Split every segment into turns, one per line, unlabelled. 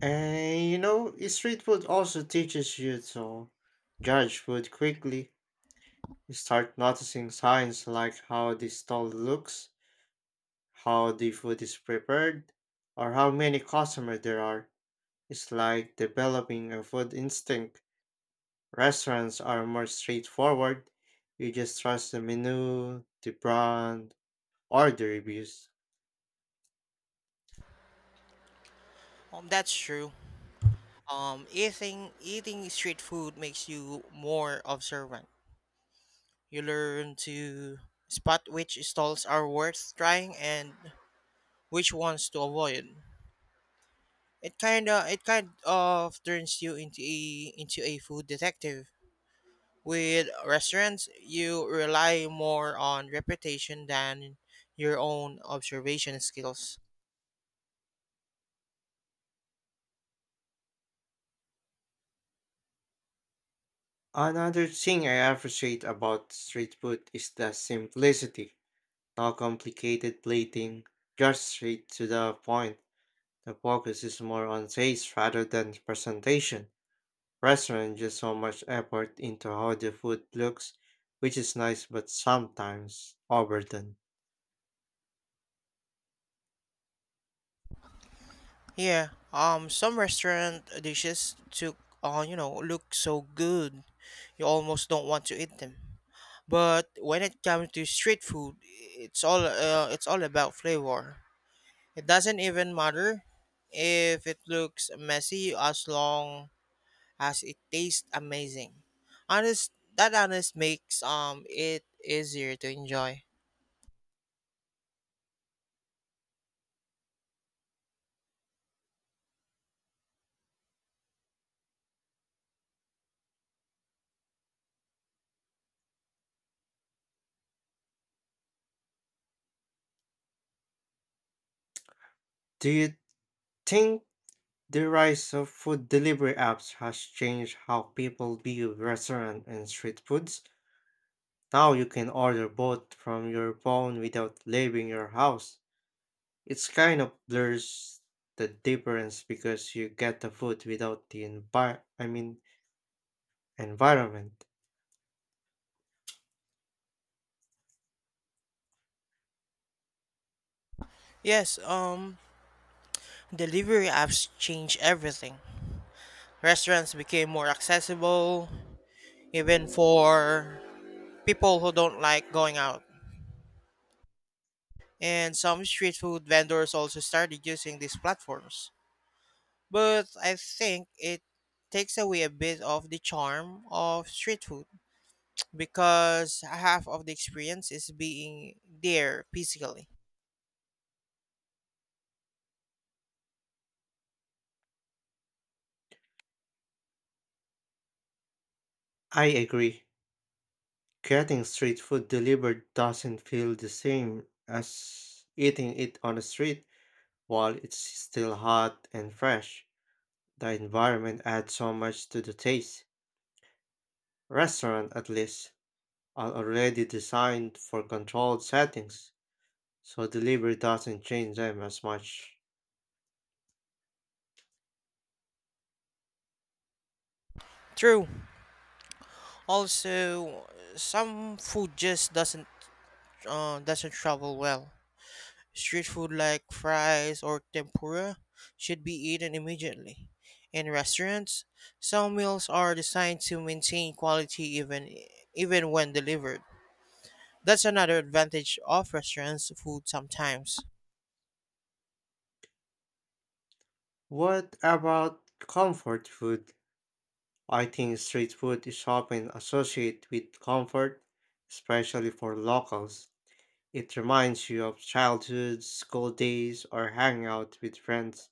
And you know, street food also teaches you to judge food quickly. You start noticing signs like how the stall looks, how the food is prepared, or how many customers there are. It's like developing a food instinct. Restaurants are more straightforward. You just trust the menu, the brand, or the reviews.
That's true. Eating street food makes you more observant. You learn to spot which stalls are worth trying and which ones to avoid. It kind of turns you into a food detective. With restaurants, you rely more on reputation than your own observation skills.
Another thing I appreciate about street food is the simplicity. No complicated plating, just straight to the point. The focus is more on taste rather than presentation. Restaurants just so much effort into how the food looks, which is nice but sometimes overdone.
Yeah, some restaurant dishes took, look so good, you almost don't want to eat them. But when it comes to street food, it's all about flavor. It doesn't even matter if it looks messy as long as it tastes amazing. Honest, that honest makes it easier to enjoy.
Do you think the rise of food delivery apps has changed how people view restaurant and street foods? Now you can order both from your phone without leaving your house. It's kind of blurs the difference because you get the food without the environment.
Yes, delivery apps changed everything. Restaurants became more accessible, even for people who don't like going out. And some street food vendors also started using these platforms. But I think it takes away a bit of the charm of street food because half of the experience is being there physically.
I agree. Getting street food delivered doesn't feel the same as eating it on the street while it's still hot and fresh. The environment adds so much to the taste. Restaurant at least are already designed for controlled settings, so delivery doesn't change them as much.
True. Also, some food just doesn't travel well. Street food like fries or tempura should be eaten immediately. In restaurants, some meals are designed to maintain quality even when delivered. That's another advantage of restaurants food sometimes.
What about comfort food? I think street food is often associated with comfort, especially for locals. It reminds you of childhood, school days, or hanging out with friends.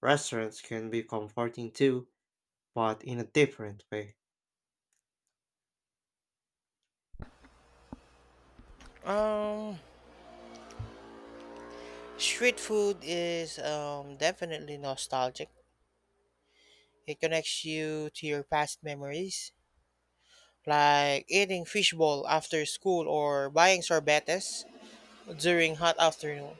Restaurants can be comforting too, but in a different way.
Um, Street food is definitely nostalgic. It connects you to your past memories, like eating fishbowl after school or buying sorbetes during hot afternoon.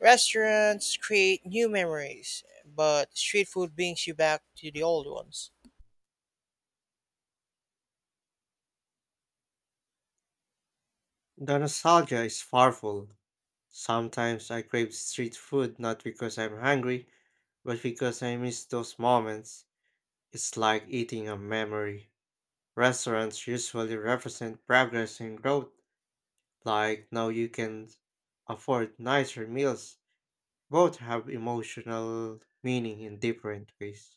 Restaurants create new memories, but street food brings you back to the old ones.
The nostalgia is powerful. Sometimes I crave street food not because I'm hungry, but because I miss those moments. It's like eating a memory. Restaurants usually represent progress and growth. Like now you can afford nicer meals. Both have emotional meaning in different ways.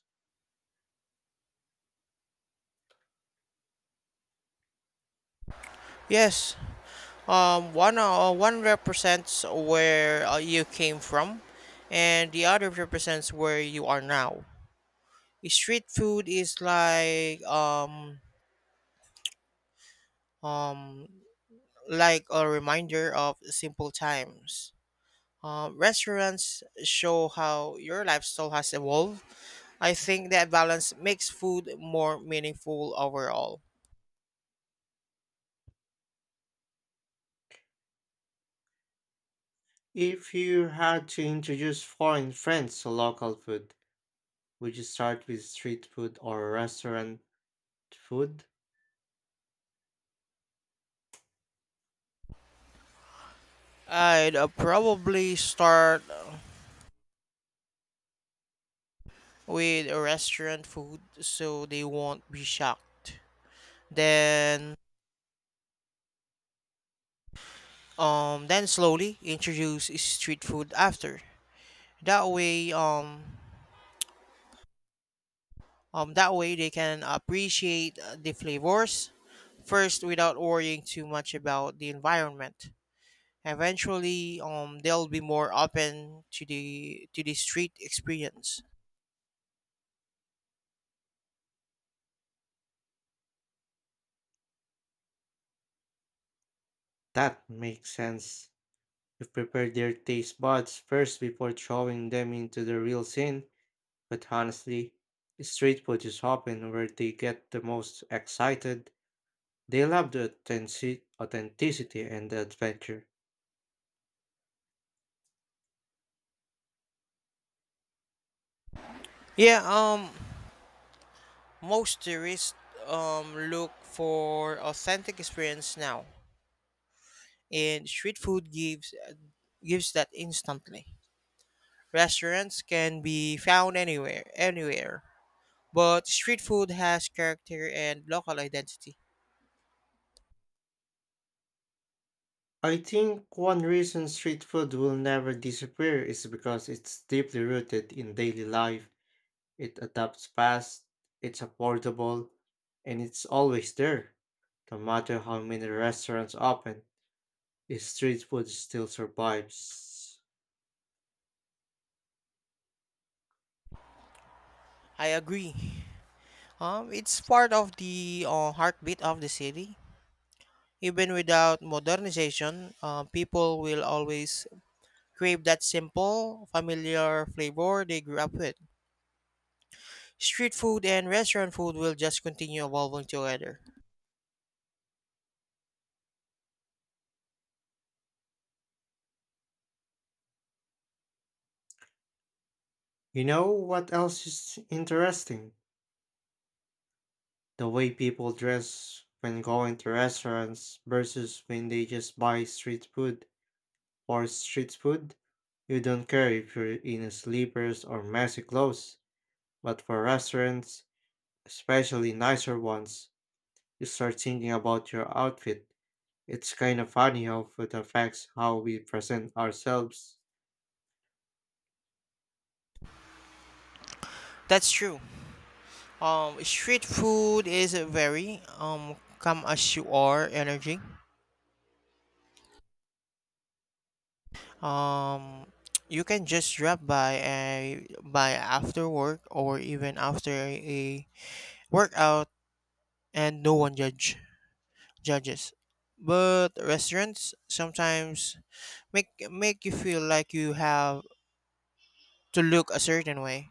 Yes, one represents where you came from, and the other represents where you are now. Street food is um like a reminder of simple times. Restaurants show how your lifestyle has evolved. I think that balance makes food more meaningful overall.
If you had to introduce foreign friends to local food, would you start with street food or restaurant food?
I'd probably start with restaurant food so they won't be shocked. Then then slowly introduce street food after. That way that way they can appreciate the flavors first without worrying too much about the environment. Eventually they'll be more open to the street experience.
That makes sense. You prepare their taste buds first before throwing them into the real scene, but honestly, street food is often where they get the most excited. They love the authenticity and the adventure.
Yeah, most tourists look for authentic experience now, and street food gives that instantly. Restaurants can be found anywhere, but street food has character and local identity.
I think one reason street food will never disappear is because it's deeply rooted in daily life. It adapts fast, it's affordable, and it's always there. No matter how many restaurants open, the street food still survives.
I agree. It's part of the heartbeat of the city. Even without modernization, people will always crave that simple, familiar flavor they grew up with. Street food and restaurant food will just continue evolving together.
You know what else is interesting? The way people dress when going to restaurants versus when they just buy street food. For street food, you don't care if you're in slippers or messy clothes, but for restaurants, especially nicer ones, you start thinking about your outfit. It's kind of funny how food affects how we present ourselves.
That's true. Street food is a very come as you are energy. Um, you can just drop by a by after work or even after a workout and no one judges. But restaurants sometimes make you feel like you have to look a certain way.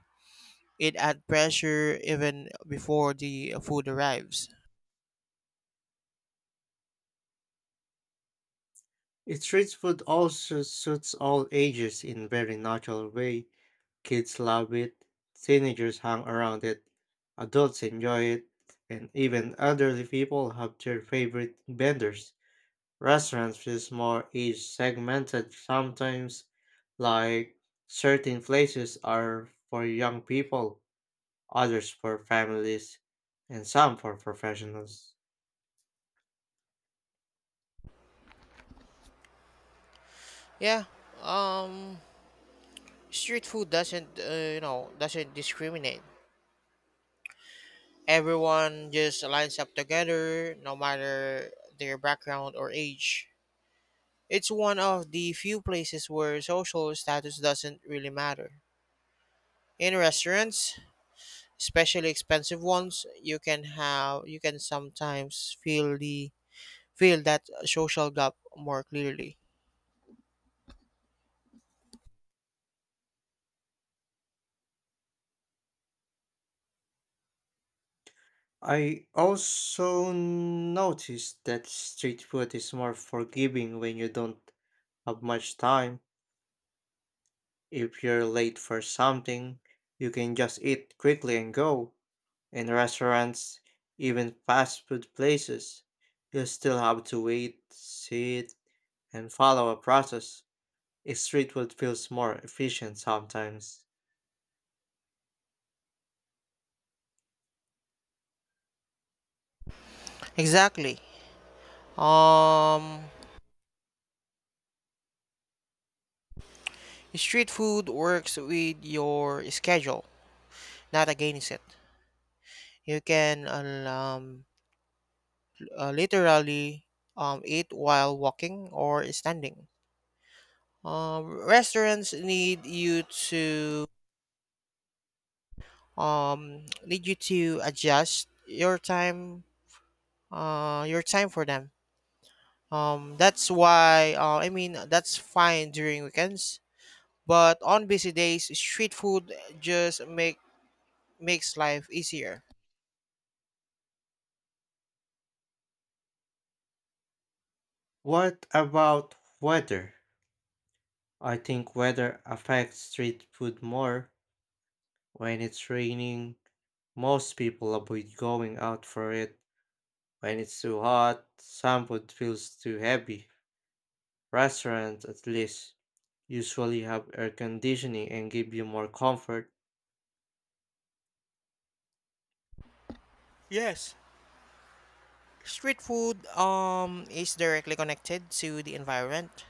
It add pressure even before the food arrives.
Street food also suits all ages in very natural way. Kids love it, teenagers hang around it, adults enjoy it, and even elderly people have their favorite vendors. Restaurants feel more each segmented sometimes, like certain places are for young people, others for families, and some for professionals.
Yeah. Um Street food doesn't you know, doesn't discriminate. Everyone just lines up together no matter their background or age. It's one of the few places where social status doesn't really matter. In restaurants, especially expensive ones, you can sometimes feel the feel that social gap more clearly.
I also noticed that street food is more forgiving when you don't have much time. If you're late for something, you can just eat quickly and go. In restaurants, even fast food places, you still have to wait, sit, and follow a process. A street food feels more efficient sometimes.
Exactly. Um Street food works with your schedule not against it. You can literally eat while walking or standing. Um, restaurants to need you to adjust your time for them. That's why I mean that's fine during weekends, but on busy days, street food just make makes life easier.
What about weather? I think weather affects street food more. When it's raining, most people avoid going out for it. When it's too hot, some food feels too heavy. Restaurants, at least, usually have air conditioning and give you more comfort.
Yes, street food is directly connected to the environment.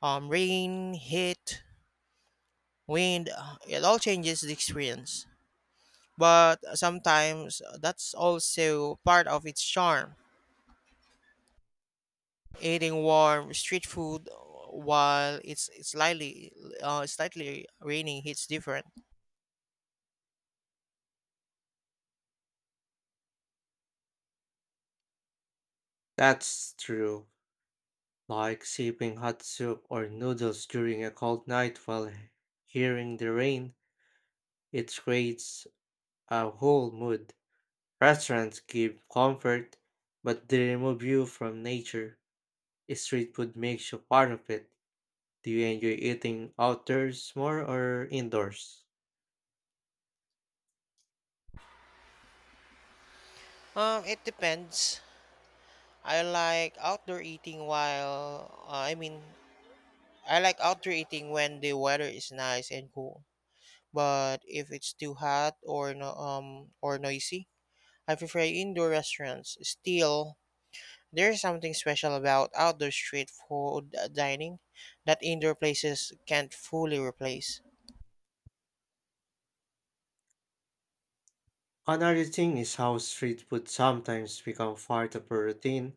Rain, heat, wind, it all changes the experience. But sometimes that's also part of its charm. Eating warm street food while it's slightly raining hits different.
That's true. Like sipping hot soup or noodles during a cold night while hearing the rain, it creates a whole mood. Restaurants give comfort, but they remove you from nature. Street food makes you part of it. Do you enjoy eating outdoors more or indoors?
It depends. I like outdoor eating while uh, I mean I like outdoor eating when the weather is nice and cool. But if it's too hot or no, or noisy, I prefer indoor restaurants. Still, there is something special about outdoor street food dining that indoor places can't fully replace.
Another thing is how street food sometimes become part of a routine,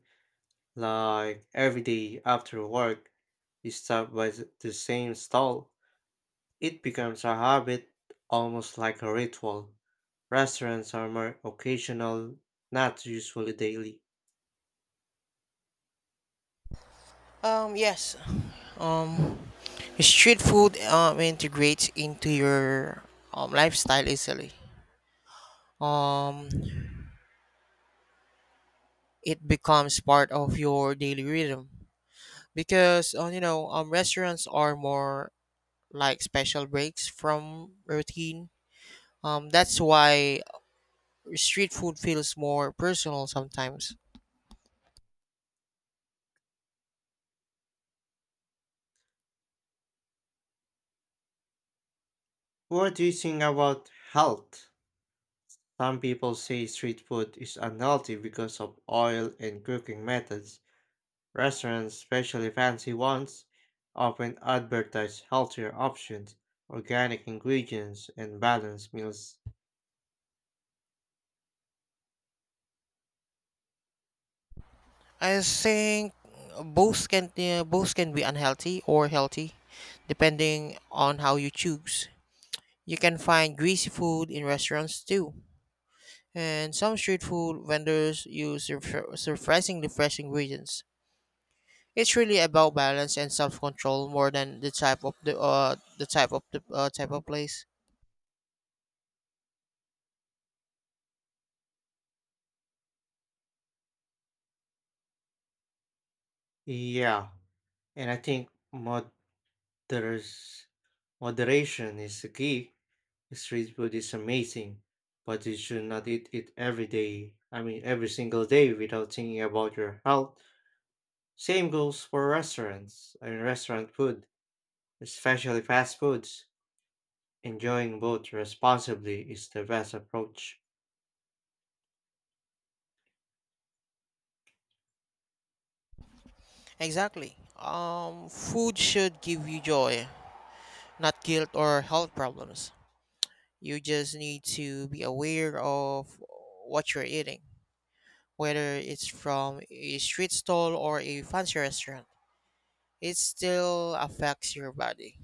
like every day after work, you stop by the same stall. It becomes a habit, almost like a ritual. Restaurants are more occasional, not usually daily.
Yes. Um, Street food integrates into your lifestyle easily. Um, it becomes part of your daily rhythm because restaurants are more like special breaks from routine. That's why street food feels more personal sometimes.
What do you think about health? Some people say street food is unhealthy because of oil and cooking methods. Restaurants, especially fancy ones, often advertise healthier options, organic ingredients, and balanced meals.
I think both can be unhealthy or healthy, depending on how you choose. You can find greasy food in restaurants too, and some street food vendors use surprisingly fresh ingredients. It's really about balance and self-control more than the type of place.
Yeah, and I think moderation is the key. Street food is amazing, but you should not eat it every day. I mean, every single day without thinking about your health. Same goes for restaurants. I mean, restaurant food, especially fast foods. Enjoying both responsibly is the best approach.
Exactly. Food should give you joy, not guilt or health problems. You just need to be aware of what you're eating, whether it's from a street stall or a fancy restaurant. It still affects your body.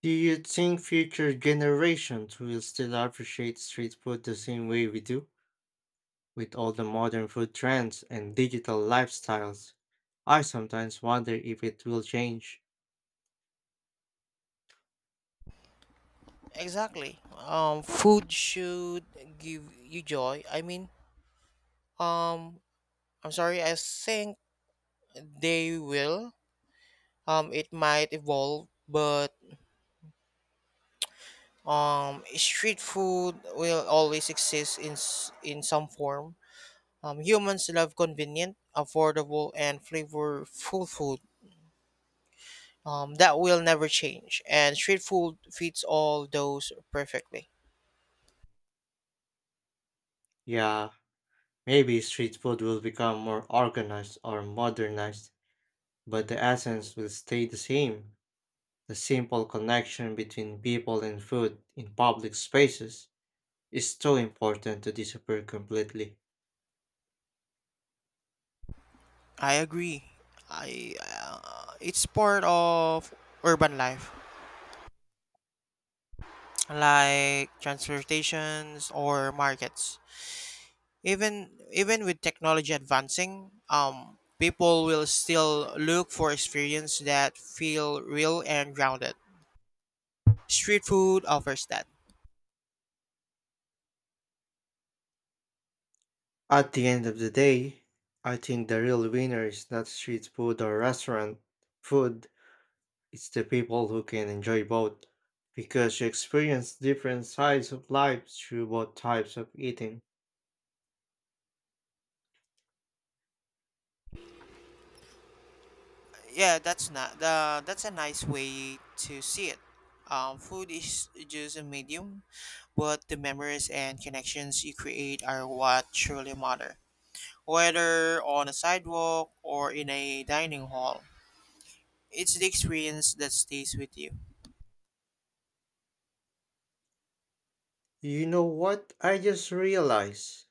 Do you think future generations will still appreciate street food the same way we do? With all the modern food trends and digital lifestyles, I sometimes wonder if it will change.
Exactly. Food should give you joy. I mean, um, I'm sorry. I think they will. It might evolve, but street food will always exist in in some form. Humans love convenient, affordable, and flavorful food. That will never change, and street food fits all those perfectly.
Yeah, maybe street food will become more organized or modernized, but the essence will stay the same. The simple connection between people and food in public spaces is too important to disappear completely.
I agree. I It's part of urban life, like transportations or markets. Even with technology advancing, people will still look for experience that feel real and grounded. Street food offers that.
At the end of the day, I think the real winner is not street food or restaurant food, it's the people who can enjoy both, because you experience different sides of life through both types of eating.
Yeah, that's not the that's a nice way to see it. Food is just a medium, but the memories and connections you create are what truly matter. Whether on a sidewalk or in a dining hall, it's the experience that stays with you.
You know what? I just realized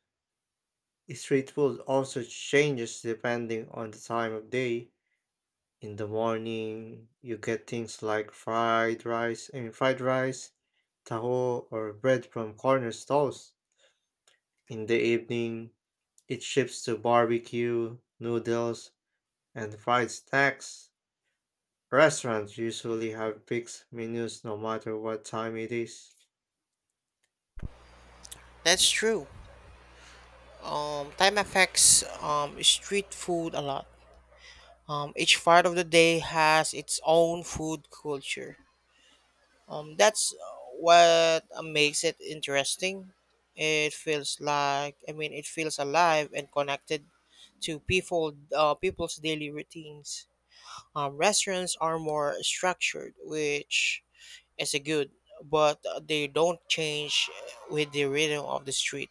street food also changes depending on the time of day. In the morning, you get things like fried rice, taho, or bread from corner stalls. In the evening, it shifts to barbecue, noodles, and fried snacks. Restaurants usually have fixed menus no matter what time it is.
That's true. Time affects street food a lot. Each part of the day has its own food culture. That's what makes it interesting. It feels like I mean, It feels alive and connected to people's daily routines. Restaurants are more structured, which is a good, but they don't change with the rhythm of the street.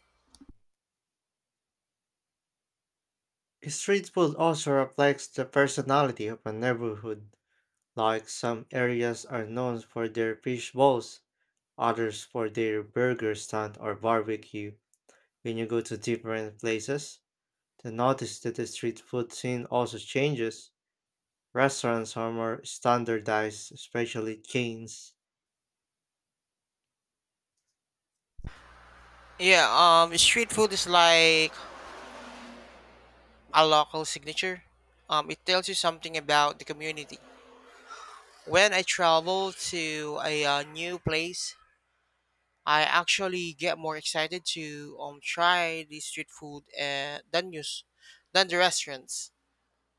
Street food also reflects the personality of a neighborhood. Like some areas are known for their fish bowls, others for their burger stand or barbecue. When you go to different places, to notice that the street food scene also changes. Restaurants are more standardized, especially chains.
Yeah, street food is like a local signature. It tells you something about the community. When I travel to a new place, I actually get more excited to try the street food than the restaurants.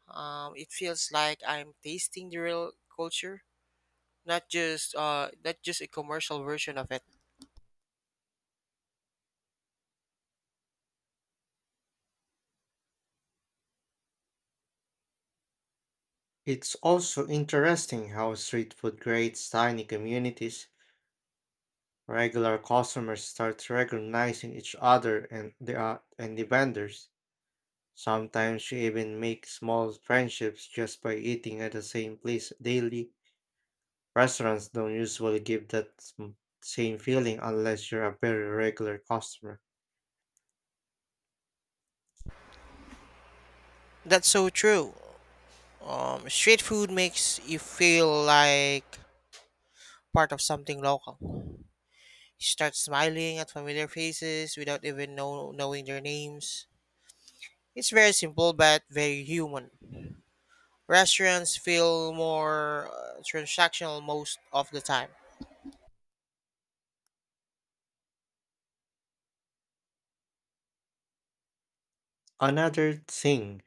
It feels like I'm tasting the real culture, not just a commercial version of it.
It's also interesting how street food creates tiny communities. Regular customers start recognizing each other and the vendors. Sometimes you even make small friendships just by eating at the same place daily. Restaurants don't usually give that same feeling unless you're a very regular customer.
That's so true. Street food makes you feel like part of something local. You start smiling at familiar faces without knowing their names. It's very simple but very human. Restaurants feel more transactional most of the time.
Another thing,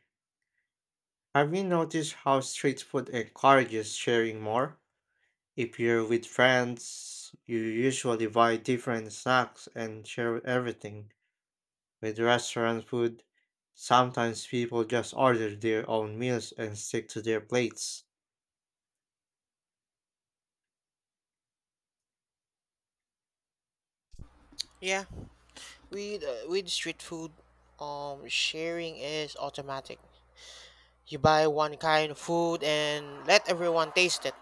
have you noticed how street food encourages sharing more? If you're with friends, you usually buy different snacks and share everything. With restaurant food, sometimes people just order their own meals and stick to their plates.
Yeah, with street food, sharing is automatic. You buy one kind of food and let everyone taste it.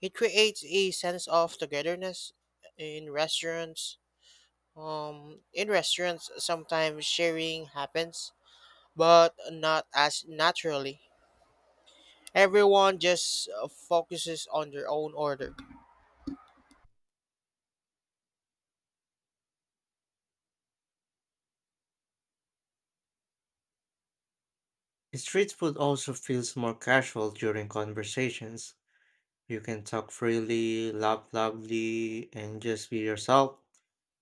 It creates a sense of togetherness in restaurants. In restaurants, sometimes sharing happens, but not as naturally. Everyone just focuses on their own order.
Street food also feels more casual during conversations. You can talk freely, laugh loudly, and just be yourself.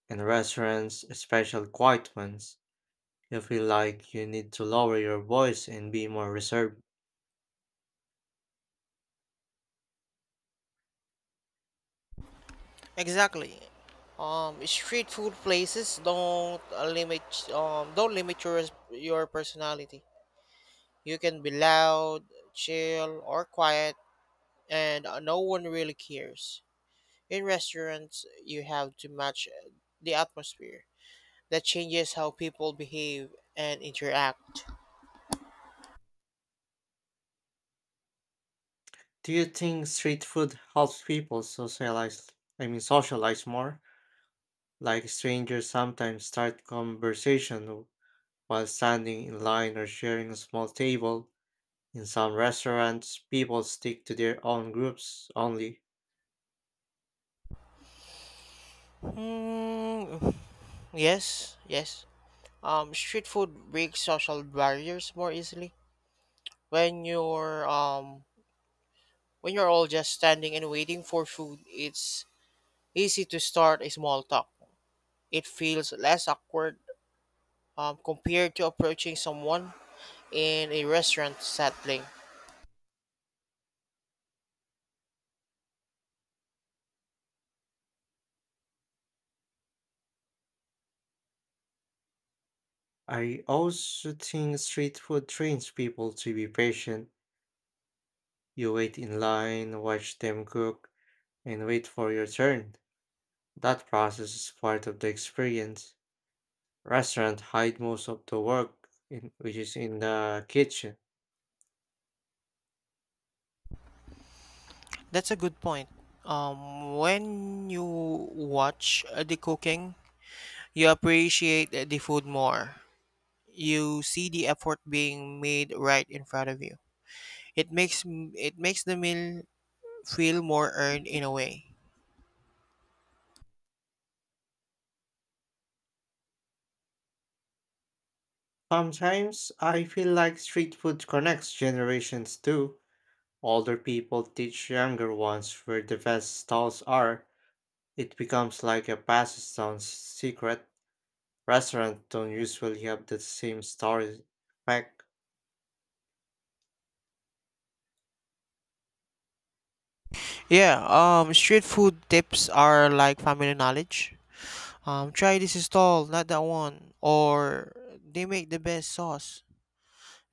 In restaurants, especially quiet ones, you feel like you need to lower your voice and be more reserved.
Exactly. Street food places don't limit your personality. You can be loud, chill, or quiet, and no one really cares. In restaurants, you have to match the atmosphere. That changes how people behave and interact.
Do you think street food helps people socialize? I mean, socialize more? Like strangers sometimes start conversation while standing in line or sharing a small table. In some restaurants, people stick to their own groups only.
Hmm. Yes. Street food breaks social barriers more easily when you're um when you're all just standing and waiting for food, it's easy to start a small talk. It feels less awkward compared to approaching someone in a restaurant setting.
I also think street food trains people to be patient. You wait in line, watch them cook, and wait for your turn. That process is part of the experience. Restaurants hide most of the work, in, which is in the kitchen.
That's a good point. When you watch the cooking, you appreciate the food more. You see the effort being made right in front of you. It makes the meal feel more earned in a way.
Sometimes I feel like street food connects generations too. Older people teach younger ones where the best stalls are. It becomes like a passage down secret. Restaurants don't usually have the same story back.
Yeah, street food tips are like family knowledge. Try this stall, not that one, or they make the best sauce.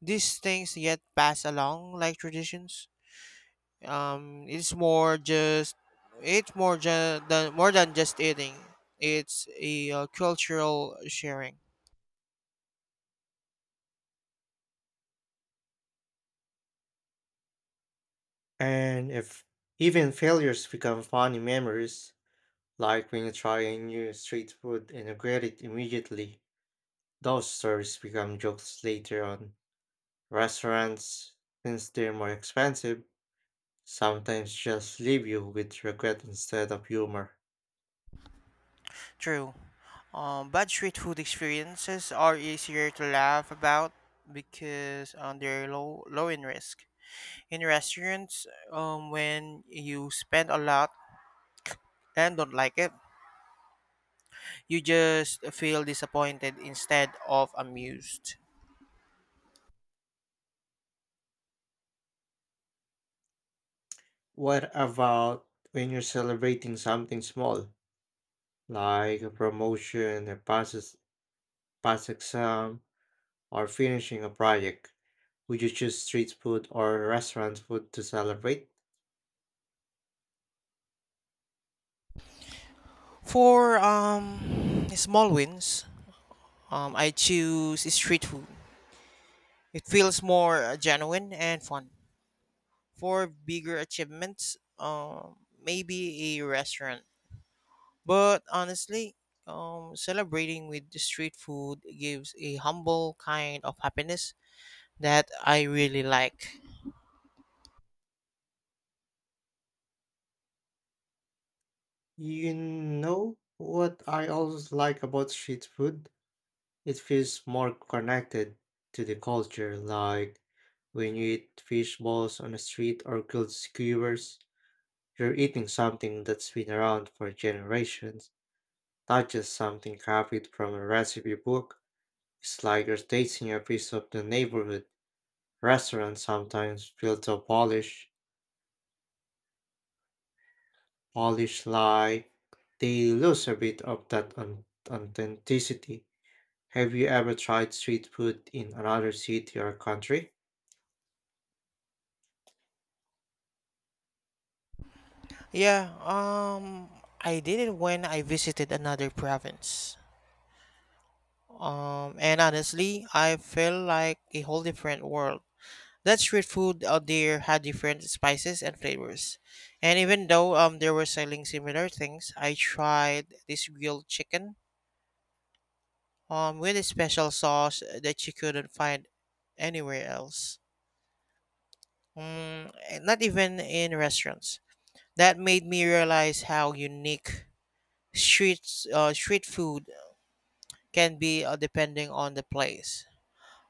These things get passed along like traditions. Um, it's more just it's more than just eating. It's a cultural sharing.
And if even failures become funny memories, like when you try a new street food and regret it immediately, those stories become jokes later on. Restaurants, since they're more expensive, sometimes just leave you with regret instead of humor.
True. Bad street food experiences are easier to laugh about because they're low in risk. In restaurants, when you spend a lot and don't like it, you just feel disappointed instead of amused.
What about when you're celebrating something small? Like a promotion, a pass exam, or finishing a project. Would you choose street food or restaurant food to celebrate?
For small wins, I choose street food. It feels more genuine and fun. For bigger achievements, maybe a restaurant. But honestly, celebrating with the street food gives a humble kind of happiness that I really like.
You know what I always like about street food? It feels more connected to the culture, like when you eat fish balls on the street or grilled skewers, you're eating something that's been around for generations, not just something copied from a recipe book. It's like rotating a piece of the neighborhood. Restaurants sometimes feel so polish like they lose a bit of that authenticity. Have you ever tried street food in another city or country?
Yeah, I did it when I visited another province. And honestly, I felt like a whole different world. That street food out there had different spices and flavors. And even though they were selling similar things, I tried this grilled chicken with a special sauce that you couldn't find anywhere else. Mm, eh, not even in restaurants. That made me realize how unique street street food can be depending on the place.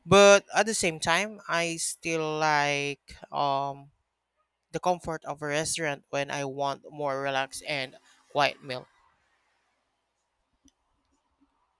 But at the same time, I still like the comfort of a restaurant when I want more relaxed and quiet meal.